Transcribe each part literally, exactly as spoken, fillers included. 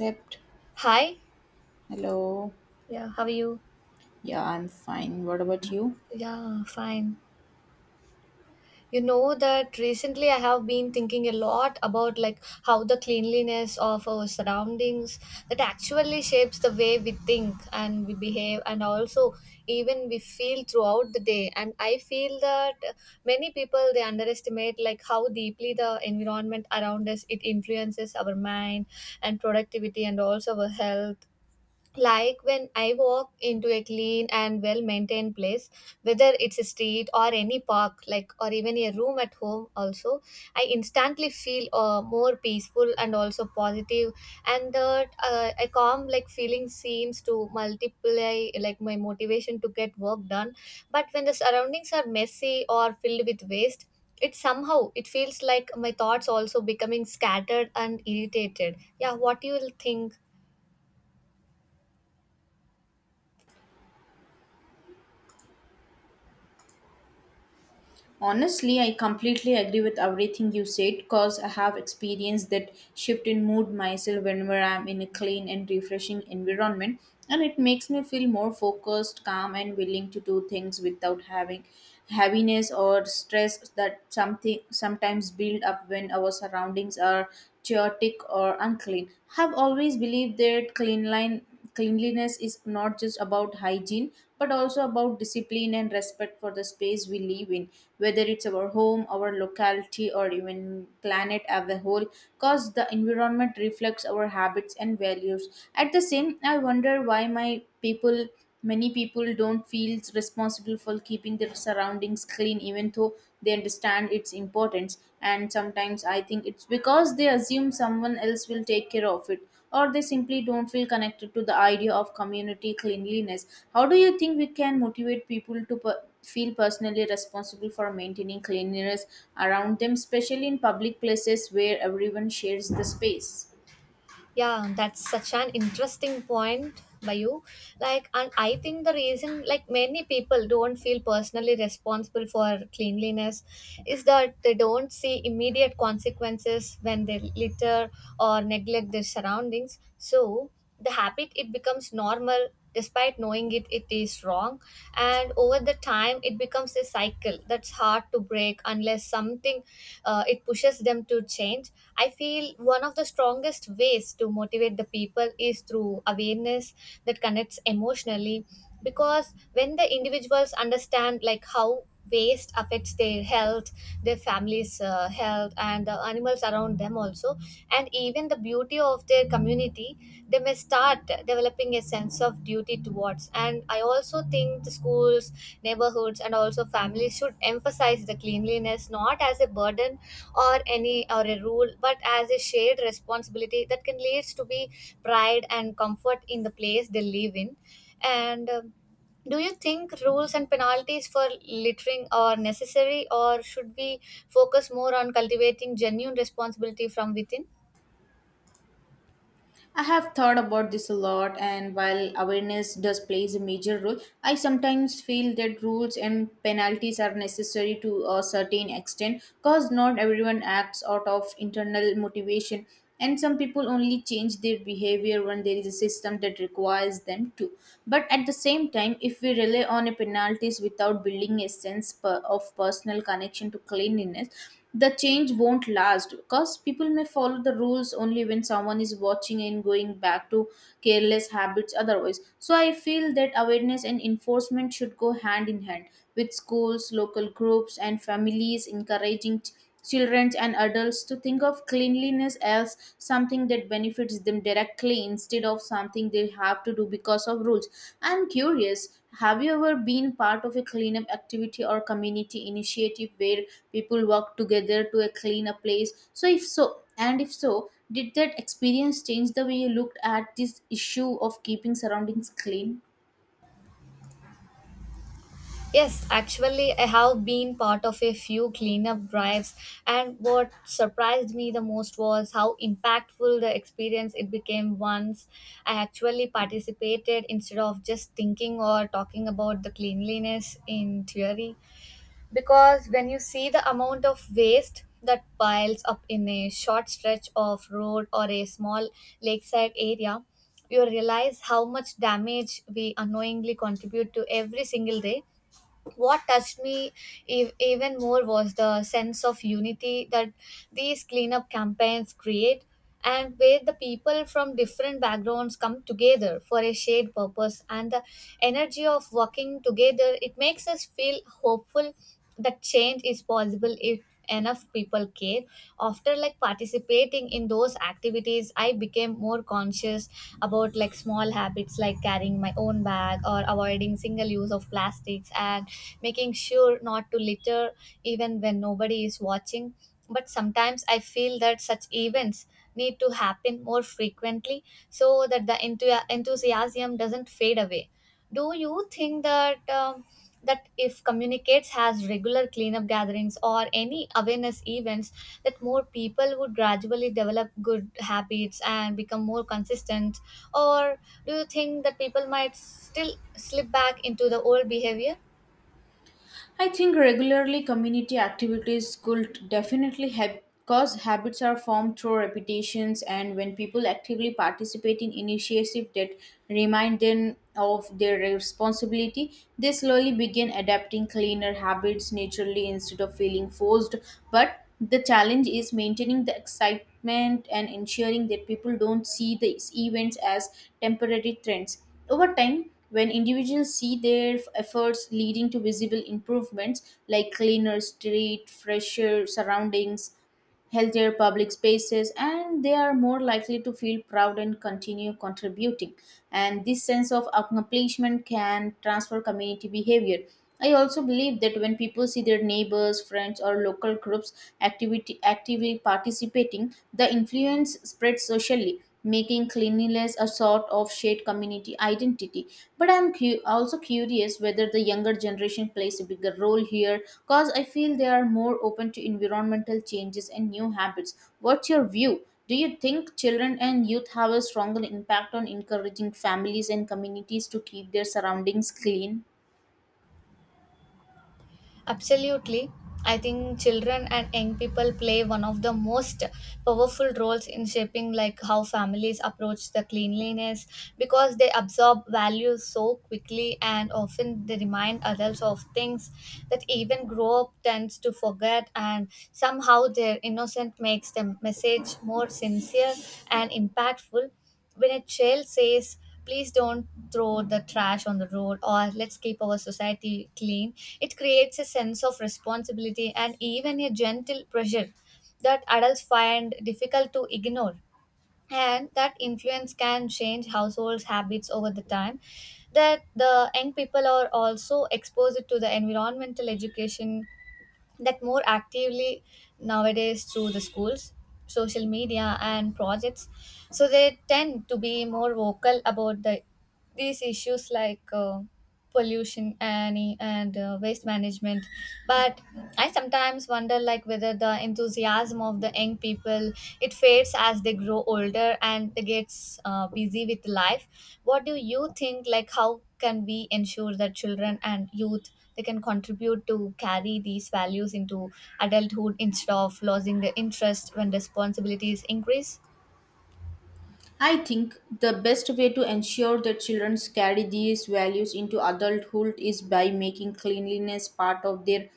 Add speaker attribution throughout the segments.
Speaker 1: Except,
Speaker 2: Hi.
Speaker 1: hello.
Speaker 2: Yeah, how are you?
Speaker 1: Yeah, I'm fine. What about you?
Speaker 2: Yeah, fine. You know that recently I have been thinking a lot about like how the cleanliness of our surroundings that actually shapes the way we think and we behave and also even we feel throughout the day. And I feel that many people they underestimate like how deeply the environment around us it influences our mind and productivity and also our health. Like when I walk into a clean and well maintained place, whether it's a street or any park, like or even a room at home, also, I instantly feel uh, more peaceful and also positive, and that uh, a calm like feeling seems to multiply like my motivation to get work done. But when the surroundings are messy or filled with waste, it somehow it feels like my thoughts also becoming scattered and irritated. Yeah, what you will think?
Speaker 1: Honestly, I completely agree with everything you said because I have experienced that shift in mood myself whenever I'm in a clean and refreshing environment, and it makes me feel more focused, calm, and willing to do things without having heaviness or stress that something sometimes build up when our surroundings are chaotic or unclean. Have always believed that clean line cleanliness is not just about hygiene but also about discipline and respect for the space we live in, whether it's our home, our locality, or even planet as a whole. Cause the environment reflects our habits and values. At the same, I wonder why my people many people don't feel responsible for keeping their surroundings clean even though they understand its importance. And sometimes I think it's because they assume someone else will take care of it, or they simply don't feel connected to the idea of community cleanliness. How do you think we can motivate people to per- feel personally responsible for maintaining cleanliness around them, especially in public places where everyone shares the space?
Speaker 2: Yeah, that's such an interesting point by you. Like, and I think the reason like many people don't feel personally responsible for cleanliness is that they don't see immediate consequences when they litter or neglect their surroundings. So the habit it becomes normal despite knowing it it is wrong, and over the time it becomes a cycle that's hard to break unless something uh, it pushes them to change. I feel one of the strongest ways to motivate the people is through awareness that connects emotionally, because when the individuals understand like how waste affects their health, their families uh, health, and the animals around them also, and even the beauty of their community, they may start developing a sense of duty towards. And I also think the schools, neighborhoods, and also families should emphasize the cleanliness not as a burden or any or a rule, but as a shared responsibility that can lead to be pride and comfort in the place they live in. And um, do you think rules and penalties for littering are necessary, or should we focus more on cultivating genuine responsibility from within?
Speaker 1: I have thought about this a lot, and while awareness does plays a major role, I sometimes feel that rules and penalties are necessary to a certain extent because not everyone acts out of internal motivation, and some people only change their behavior when there is a system that requires them to. But at the same time, if we rely on a penalties without building a sense per- of personal connection to cleanliness, the change won't last because people may follow the rules only when someone is watching and going back to careless habits otherwise. So I feel that awareness and enforcement should go hand in hand, with schools, local groups, and families encouraging children and adults to think of cleanliness as something that benefits them directly instead of something they have to do because of rules. I'm curious, have you ever been part of a cleanup activity or community initiative where people work together to a clean a place? So if so, and if so, did that experience change the way you looked at this issue of keeping surroundings clean?
Speaker 2: Yes, actually, I have been part of a few cleanup drives, and what surprised me the most was how impactful the experience it became once I actually participated instead of just thinking or talking about the cleanliness in theory. Because when you see the amount of waste that piles up in a short stretch of road or a small lakeside area, you realize how much damage we unknowingly contribute to every single day. What touched me ev- even more was the sense of unity that these cleanup campaigns create, and where the people from different backgrounds come together for a shared purpose, and the energy of working together it makes us feel hopeful that change is possible if enough people care. After like participating in those activities, I became more conscious about like small habits like carrying my own bag or avoiding single use of plastics and making sure not to litter even when nobody is watching. But sometimes I feel that such events need to happen more frequently so that the enthu- enthusiasm doesn't fade away. Do you think that um, that if communicates has regular cleanup gatherings or any awareness events that more people would gradually develop good habits and become more consistent, or do you think that people might still slip back into the old behavior?
Speaker 1: I think regularly community activities could definitely help because habits are formed through repetitions, and when people actively participate in initiatives that remind them of their responsibility, they slowly begin adapting cleaner habits naturally instead of feeling forced. But the challenge is maintaining the excitement and ensuring that people don't see these events as temporary trends. Over time, when individuals see their efforts leading to visible improvements like cleaner street, fresher surroundings, healthier public spaces, and they are more likely to feel proud and continue contributing. And this sense of accomplishment can transfer community behavior. I also believe that when people see their neighbors, friends, or local groups activity actively participating, the influence spreads socially, making cleanliness a sort of shared community identity. But I'm cu- also curious whether the younger generation plays a bigger role here because I feel they are more open to environmental changes and new habits. What's your view? Do you think children and youth have a stronger impact on encouraging families and communities to keep their surroundings clean?
Speaker 2: Absolutely. I think children and young people play one of the most powerful roles in shaping like how families approach the cleanliness, because they absorb values so quickly and often they remind adults of things that even grow up tends to forget, and somehow their innocence makes the message more sincere and impactful. When a child says, please don't throw the trash on the road, or let's keep our society clean, it creates a sense of responsibility and even a gentle pressure that adults find difficult to ignore. And that influence can change households' habits over the time. That the young people are also exposed to the environmental education that more actively nowadays through the schools, social media, and projects, so they tend to be more vocal about the these issues like uh, pollution and, and uh, waste management. But I sometimes wonder like whether the enthusiasm of the young people it fades as they grow older and they gets uh, busy with life. What do you think like how can we ensure that children and youth they can contribute to carry these values into adulthood instead of losing the interest when responsibilities increase?
Speaker 1: I think the best way to ensure that children carry these values into adulthood is by making cleanliness part of their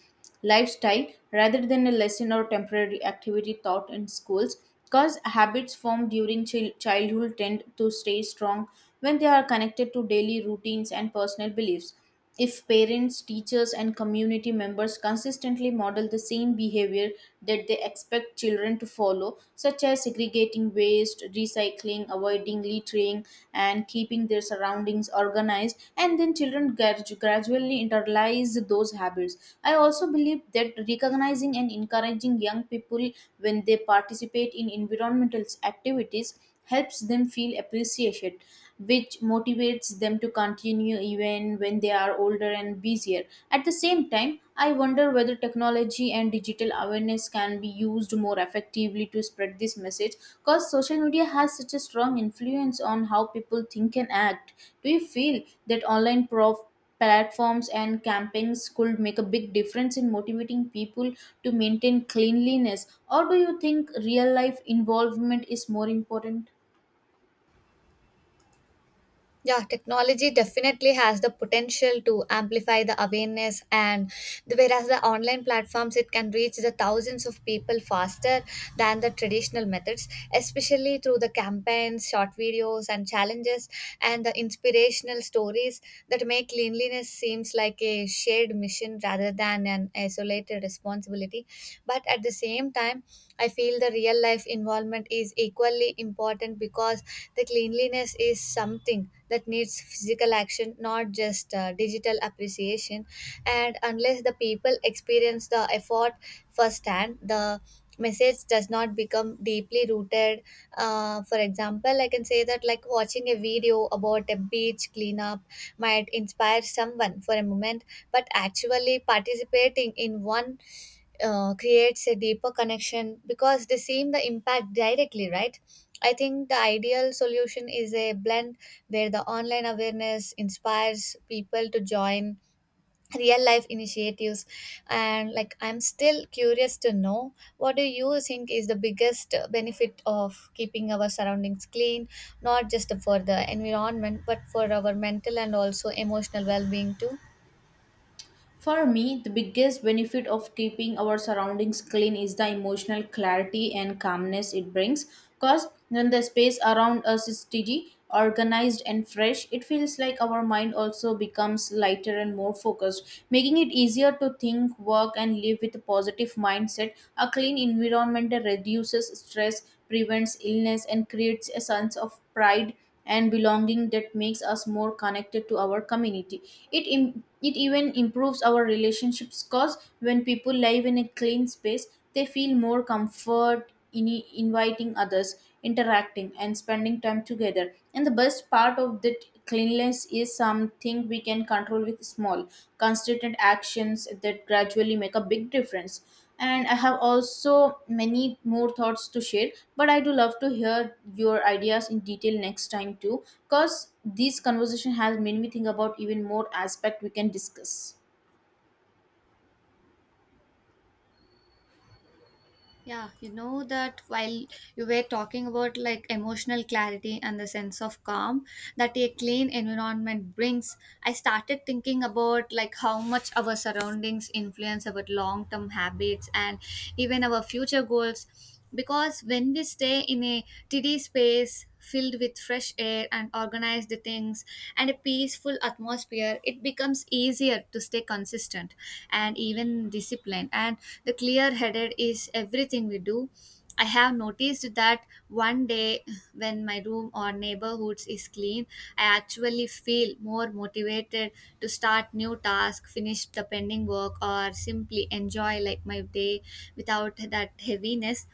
Speaker 1: lifestyle rather than a lesson or temporary activity taught in schools, because habits formed during chil- childhood tend to stay strong when they are connected to daily routines and personal beliefs. If parents, teachers, and community members consistently model the same behavior that they expect children to follow, such as segregating waste, recycling, avoiding littering, and keeping their surroundings organized, and then children gradu- gradually internalize those habits. I also believe that recognizing and encouraging young people when they participate in environmental activities helps them feel appreciated, which motivates them to continue even when they are older and busier. At the same time, I wonder whether technology and digital awareness can be used more effectively to spread this message because social media has such a strong influence on how people think and act. Do you feel that online prof- platforms and campings could make a big difference in motivating people to maintain cleanliness, or do you think real life involvement is more important?
Speaker 2: Yeah, technology definitely has the potential to amplify the awareness, and the, whereas the online platforms it can reach the thousands of people faster than the traditional methods, especially through the campaigns, short videos, and challenges, and the inspirational stories that make cleanliness seems like a shared mission rather than an isolated responsibility. But at the same time, I feel the real life involvement is equally important because the cleanliness is something that needs physical action, not just uh, digital appreciation. And unless the people experience the effort firsthand, the message does not become deeply rooted. Uh, for example, I can say that like watching a video about a beach cleanup might inspire someone for a moment, but actually participating in one uh, creates a deeper connection because they seem the impact directly, right? I think the ideal solution is a blend where the online awareness inspires people to join real life initiatives. And like I'm still curious to know, what do you think is the biggest benefit of keeping our surroundings clean, not just for the environment but for our mental and also emotional well-being too?
Speaker 1: For me, the biggest benefit of keeping our surroundings clean is the emotional clarity and calmness it brings. Because when the space around us is tidy, organized, and fresh, it feels like our mind also becomes lighter and more focused, making it easier to think, work, and live with a positive mindset. A clean environment reduces stress, prevents illness, and creates a sense of pride and belonging that makes us more connected to our community. It Im- it even improves our relationships because when people live in a clean space, they feel more comfort in i- inviting others, interacting, and spending time together. And the best part of that cleanliness is something we can control with small, consistent actions that gradually make a big difference. And I have also many more thoughts to share, but I do love to hear your ideas in detail next time too, because this conversation has made me think about even more aspect we can discuss.
Speaker 2: Yeah, you know that while you were talking about like emotional clarity and the sense of calm that a clean environment brings, I started thinking about like how much our surroundings influence our long-term habits and even our future goals, because when we stay in a tidy space filled with fresh air and organized things and a peaceful atmosphere, it becomes easier to stay consistent and even disciplined, and the clear headed is everything we do. I have noticed that one day when my room or neighborhoods is clean, I actually feel more motivated to start new task, finish the pending work, or simply enjoy like my day without that heaviness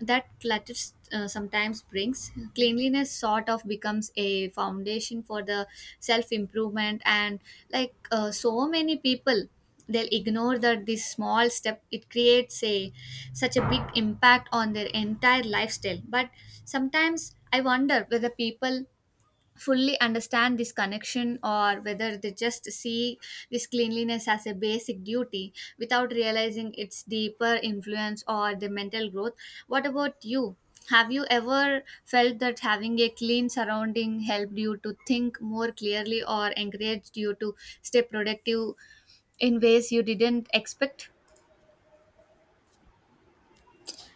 Speaker 2: that clutter uh, sometimes brings. Cleanliness sort of becomes a foundation for the self improvement. And like uh, so many people, they'll ignore that this small step it creates a such a big impact on their entire lifestyle. But sometimes I wonder whether people fully understand this connection, or whether they just see this cleanliness as a basic duty without realizing its deeper influence or the mental growth. What about you? Have you ever felt that having a clean surrounding helped you to think more clearly or encouraged you to stay productive in ways you didn't expect?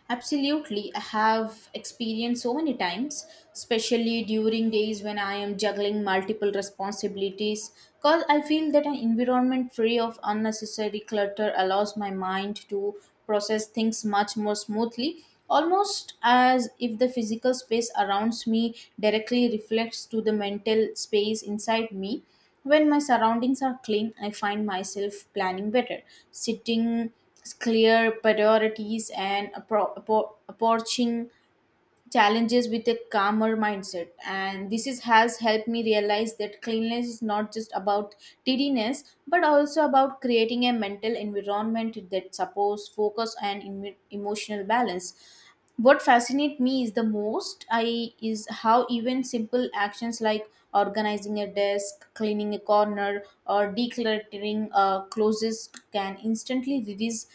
Speaker 1: Absolutely. I have experienced so many times, especially during days when I am juggling multiple responsibilities, because I feel that an environment free of unnecessary clutter allows my mind to process things much more smoothly, almost as if the physical space around me directly reflects to the mental space inside me. When my surroundings are clean, I find myself planning better, setting clear priorities, and appro- appro- approaching challenges with a calmer mindset. And this is, has helped me realize that cleanliness is not just about tidiness, but also about creating a mental environment that supports focus and emo- emotional balance. What fascinates me is the most I is how even simple actions like organizing a desk, cleaning a corner, or decluttering uh, closes can instantly release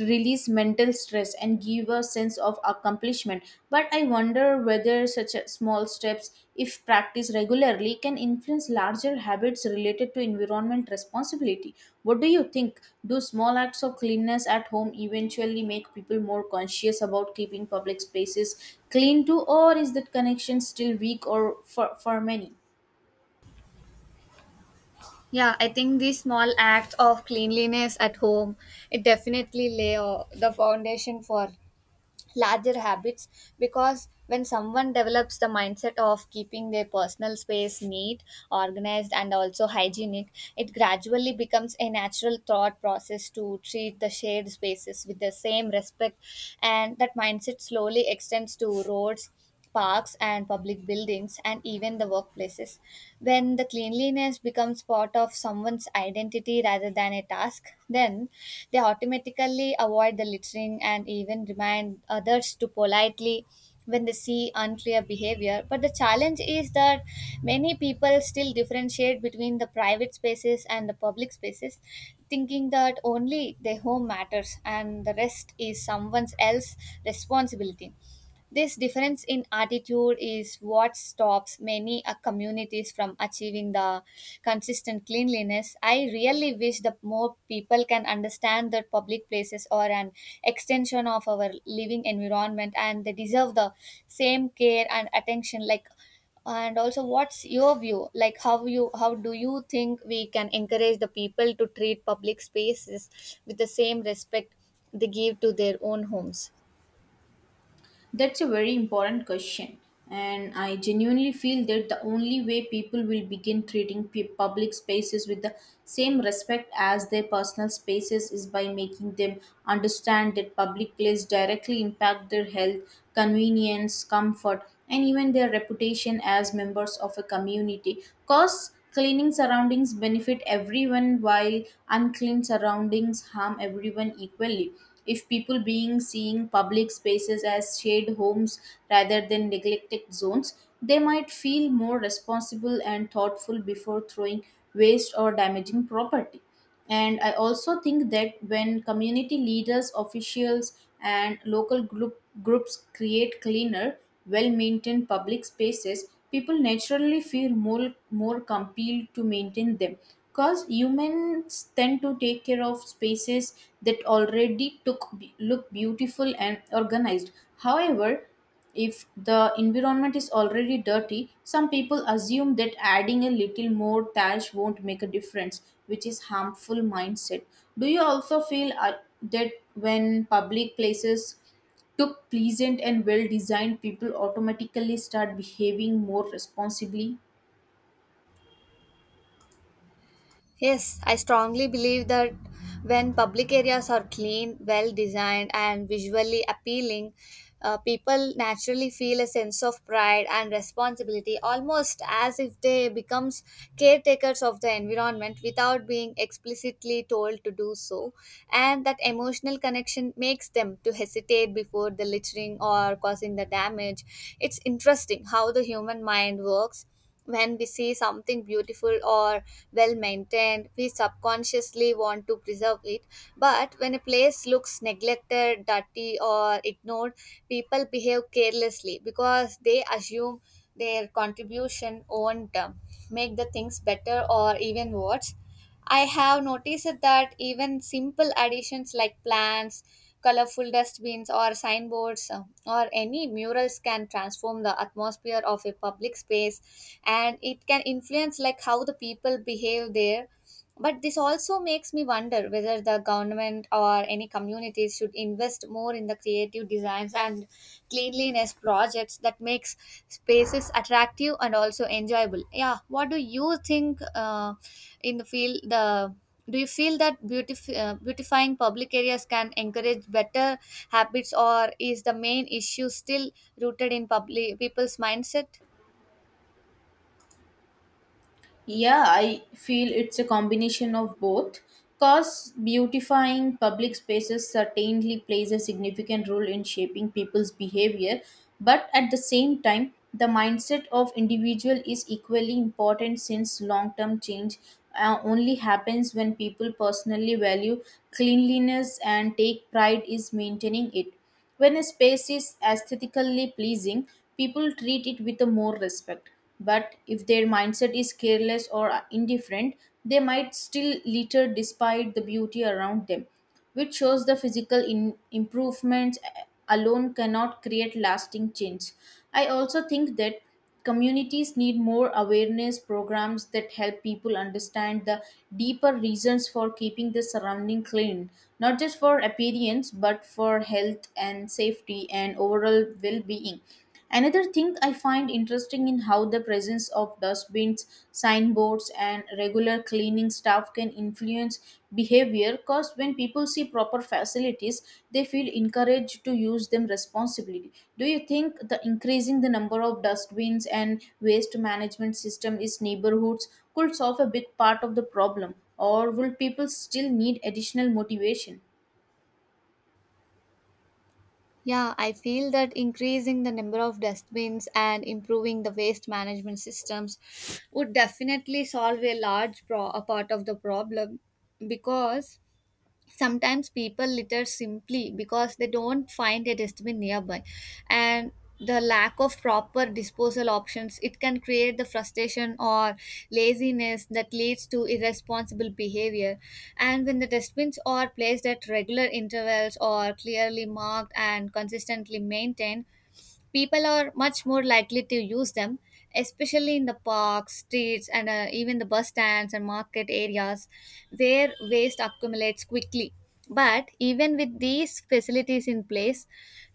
Speaker 1: release mental stress and give a sense of accomplishment. But I wonder whether such as small steps, if practiced regularly, can influence larger habits related to environment responsibility. What do you think? Do small acts of cleanliness at home eventually make people more conscious about keeping public spaces clean too, or is that connection still weak or for, for many?
Speaker 2: Yeah, I think these small acts of cleanliness at home, it definitely lay uh, the foundation for larger habits, because when someone develops the mindset of keeping their personal space neat, organized, and also hygienic, it gradually becomes a natural thought process to treat the shared spaces with the same respect, and that mindset slowly extends to roads, parks, and public buildings, and even the workplaces. When the cleanliness becomes part of someone's identity rather than a task, then they automatically avoid the littering and even remind others to politely when they see unclear behavior. But the challenge is that many people still differentiate between the private spaces and the public spaces, thinking that only their home matters and the rest is someone else's responsibility. This difference in attitude is what stops many uh, communities from achieving the consistent cleanliness. I really wish that more people can understand that public places are an extension of our living environment and they deserve the same care and attention like. And also what's your view like how you how do you think we can encourage the people to treat public spaces with the same respect they give to their own homes?
Speaker 1: That's a very important question, and I genuinely feel that the only way people will begin treating pu- public spaces with the same respect as their personal spaces is by making them understand that public places directly impact their health, convenience, comfort, and even their reputation as members of a community. Cause cleaning surroundings benefit everyone while unclean surroundings harm everyone equally. If people being seeing public spaces as shared homes rather than neglected zones, they might feel more responsible and thoughtful before throwing waste or damaging property. And I also think that when community leaders, officials, and local group, groups create cleaner, well maintained public spaces, people naturally feel more, more compelled to maintain them, because humans tend to take care of spaces that already took, look beautiful and organized. However, if the environment is already dirty, some people assume that adding a little more trash won't make a difference, which is harmful mindset. Do you also feel uh, that when public places Took pleasant and well designed, people automatically start behaving more responsibly?
Speaker 2: Yes, I strongly believe that when public areas are clean, well designed, and visually appealing, uh, people naturally feel a sense of pride and responsibility, almost as if they becomes caretakers of the environment without being explicitly told to do so. And that emotional connection makes them to hesitate before the littering or causing the damage. It's interesting how the human mind works. When we see something beautiful or well maintained, we subconsciously want to preserve it, but when a place looks neglected, dirty or ignored, people behave carelessly because they assume their contribution won't um, make the things better or even worse. I have noticed that even simple additions like plants, colorful dustbins or signboards, uh, or any murals can transform the atmosphere of a public space, and it can influence like how the people behave there. But this also makes me wonder whether the government or any communities should invest more in the creative designs and cleanliness projects that makes spaces attractive and also enjoyable. Yeah, what do you think, uh, in the field, the do you feel that beautif- uh, beautifying public areas can encourage better habits, or is the main issue still rooted in public people's mindset?
Speaker 1: Yeah, I feel it's a combination of both. Because beautifying public spaces certainly plays a significant role in shaping people's behavior, but at the same time, the mindset of individual is equally important since long-term change uh, only happens when people personally value cleanliness and take pride in maintaining it. When a space is aesthetically pleasing, people treat it with more respect. But if their mindset is careless or indifferent, they might still litter despite the beauty around them, which shows the physical in- improvements alone cannot create lasting change. I also think that Communities need more awareness programs that help people understand the deeper reasons for keeping the surrounding clean, not just for appearance, but for health and safety and overall well being. Another thing I find interesting in how the presence of dustbins, signboards, and regular regular cleaning staff can influence behavior, because when people see proper facilities, they feel encouraged to use them responsibly. Do you think the increasing the number of dustbins and waste management system is neighborhoods could solve a big part of the problem, or will people still need additional motivation?
Speaker 2: Yeah, I feel that increasing the number of dustbins and improving the waste management systems would definitely solve a large pro- a part of the problem, because sometimes people litter simply because they don't find a dustbin nearby, and the lack of proper disposal options, it can create the frustration or laziness that leads to irresponsible behavior. And when the dustbins are placed at regular intervals or clearly marked and consistently maintained, people are much more likely to use them, especially in the parks, streets and uh, even the bus stands and market areas where waste accumulates quickly. But even with these facilities in place,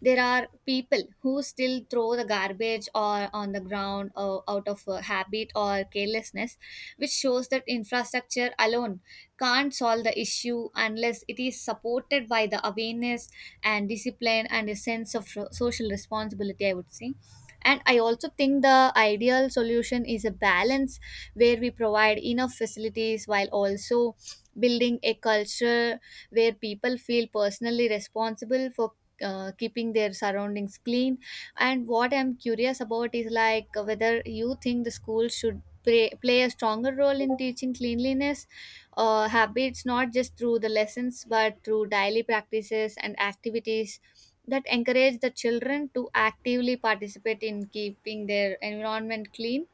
Speaker 2: there are people who still throw the garbage or on the ground or out of uh, habit or carelessness, which shows that infrastructure alone can't solve the issue unless it is supported by the awareness and discipline and a sense of so- social responsibility, I would say. And I also think the ideal solution is a balance where we provide enough facilities while also building a culture where people feel personally responsible for uh, keeping their surroundings clean. And what I'm curious about is like whether you think the school should play, play a stronger role in teaching cleanliness uh, habits, not just through the lessons, but through daily practices and activities that encourage the children to actively participate in keeping their environment clean.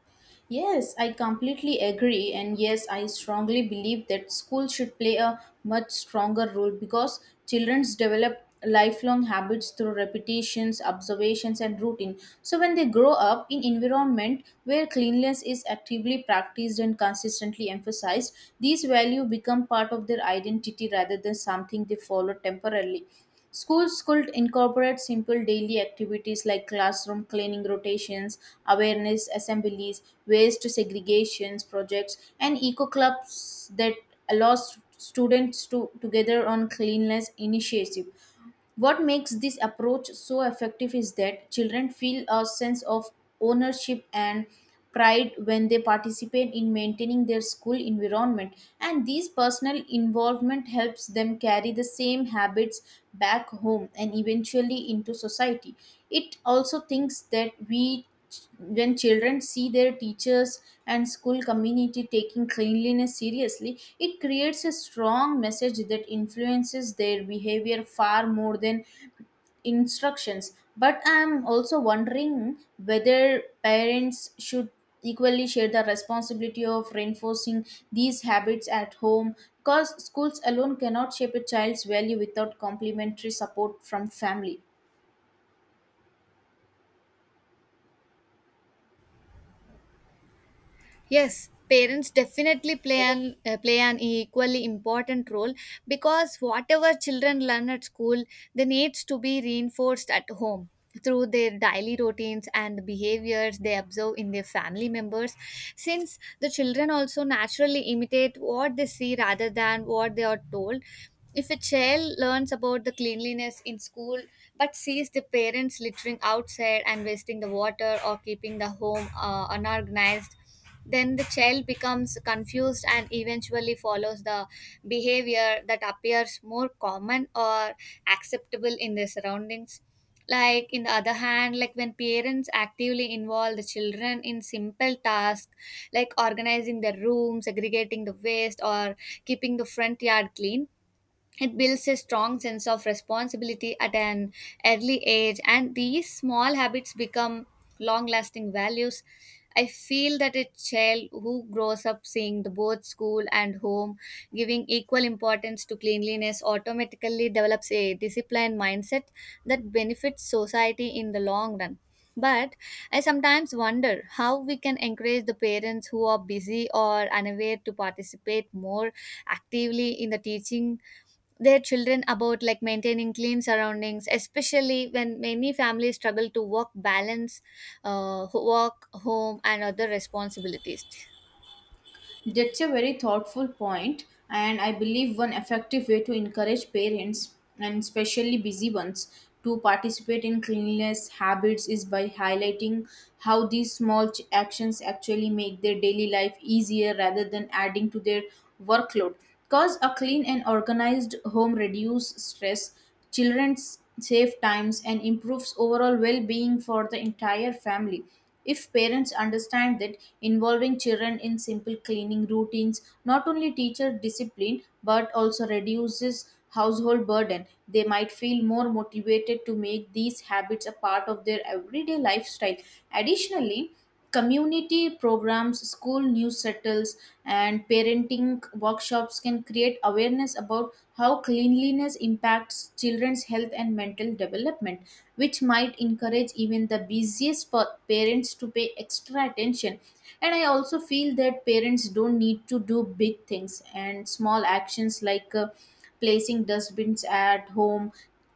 Speaker 1: Yes, I completely agree. And yes, I strongly believe that school should play a much stronger role because childrens develop lifelong habits through repetitions, observations, and routine. So when they grow up in environment where cleanliness is actively practiced and consistently emphasized, these values become part of their identity rather than something they follow temporarily. Schools could incorporate simple daily activities like classroom cleaning rotations, awareness assemblies, waste segregations projects, and eco clubs that allow s- students to together on cleanliness initiative. What makes this approach so effective is that children feel a sense of ownership and pride when they participate in maintaining their school environment, and this personal involvement helps them carry the same habits back home and eventually into society. It also thinks that we when children see their teachers and school community taking cleanliness seriously, it creates a strong message that influences their behavior far more than instructions. But I am also wondering whether parents should equally share the responsibility of reinforcing these habits at home, because schools alone cannot shape a child's value without complementary support from family.
Speaker 2: Yes, parents definitely play an uh, play an equally important role, because whatever children learn at school, they needs to be reinforced at home through their daily routines and behaviors they observe in their family members, since the children also naturally imitate what they see rather than what they are told. If a child learns about the cleanliness in school but sees the parents littering outside and wasting the water or keeping the home uh, unorganized, then the child becomes confused and eventually follows the behavior that appears more common or acceptable in their surroundings. Like in the other hand, like when parents actively involve the children in simple tasks like organizing their room, segregating the waste or keeping the front yard clean, it builds a strong sense of responsibility at an early age, and these small habits become long lasting values. I feel that a child who grows up seeing the both school and home giving equal importance to cleanliness automatically develops a disciplined mindset that benefits society in the long run. But I sometimes wonder how we can encourage the parents who are busy or unaware to participate more actively in the teaching their children about like maintaining clean surroundings, especially when many families struggle to work balance, uh, ho- work home and other responsibilities.
Speaker 1: That's a very thoughtful point, and I believe one effective way to encourage parents, and especially busy ones, to participate in cleanliness habits is by highlighting how these small ch- actions actually make their daily life easier rather than adding to their workload. Because a clean and organized home reduces stress, children save times, and improves overall well being for the entire family. If parents understand that involving children in simple cleaning routines not only teaches discipline but also reduces household burden, they might feel more motivated to make these habits a part of their everyday lifestyle. Additionally, community programs, school newsletters, and parenting workshops can create awareness about how cleanliness impacts children's health and mental development, which might encourage even the busiest pa- parents to pay extra attention. And I also feel that parents don't need to do big things, and small actions like uh, placing dustbins at home,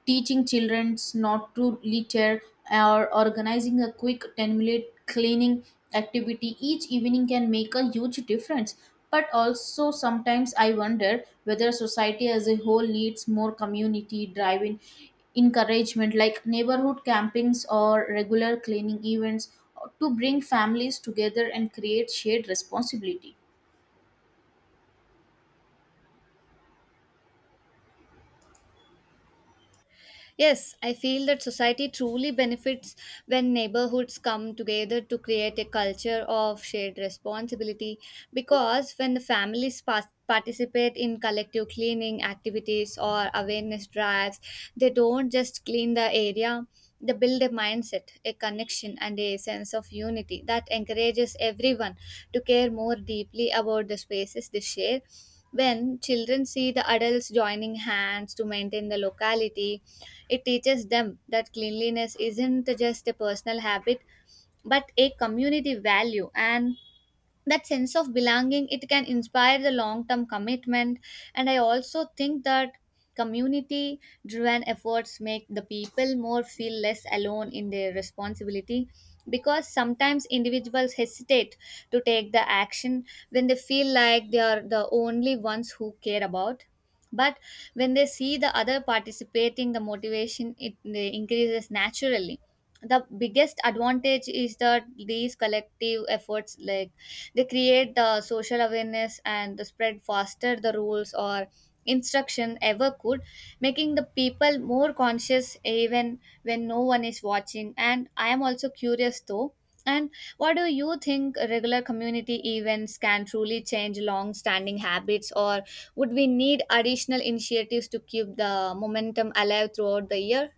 Speaker 1: teaching children not to litter, or organizing a quick ten minute cleaning activity each evening can make a huge difference. But also sometimes I wonder whether society as a whole needs more community driven encouragement like neighborhood campings or regular cleaning events to bring families together and create shared responsibility.
Speaker 2: Yes, I feel that society truly benefits when neighborhoods come together to create a culture of shared responsibility, because when the families pas- participate in collective cleaning activities or awareness drives, they don't just clean the area, they build a mindset, a connection, and a sense of unity that encourages everyone to care more deeply about the spaces they share. When children see the adults joining hands to maintain the locality, it teaches them that cleanliness isn't just a personal habit but a community value, and that sense of belonging, it can inspire the long term commitment. And I also think that community driven efforts make the people more feel less alone in their responsibility, because sometimes individuals hesitate to take the action when they feel like they are the only ones who care about. But when they see the other participating, the motivation it increases naturally. The biggest advantage is that these collective efforts, like they create the social awareness and the spread faster the rules or instruction ever could, making the people more conscious even when no one is watching. And I am also curious though. And what do you think, regular community events can truly change long standing habits, or would we need additional initiatives to keep the momentum alive throughout the year?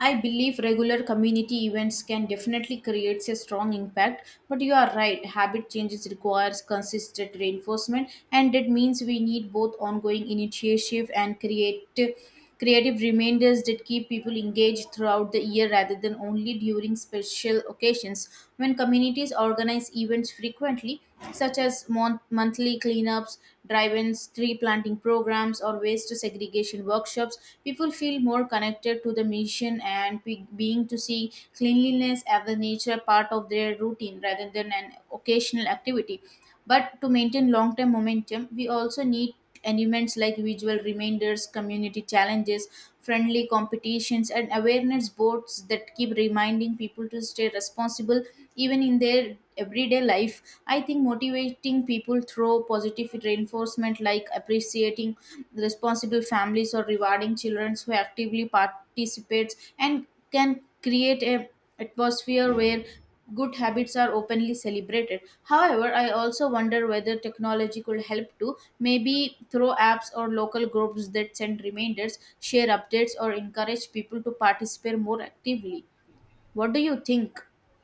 Speaker 1: I believe regular community events can definitely create a strong impact, but you are right, habit changes requires consistent reinforcement, and that means we need both ongoing initiative and creative creative reminders that keep people engaged throughout the year rather than only during special occasions. When communities organize events frequently, such as mon- monthly cleanups, drive-ins, tree planting programs, programs or waste segregation workshops, people feel more connected to the mission and be- being to see cleanliness as a nature part of their routine rather than an occasional activity. But to maintain long term momentum, we also need elements like visual reminders, community challenges, friendly competitions, and awareness boards that keep reminding people to stay responsible even in their everyday life. I think motivating people through positive reinforcement like appreciating responsible families or rewarding children who actively participate and can create a atmosphere where good habits are openly celebrated. However, I also wonder whether technology could help too, maybe through apps or local groups that send reminders, share updates, or encourage people to participate more actively. What do you think?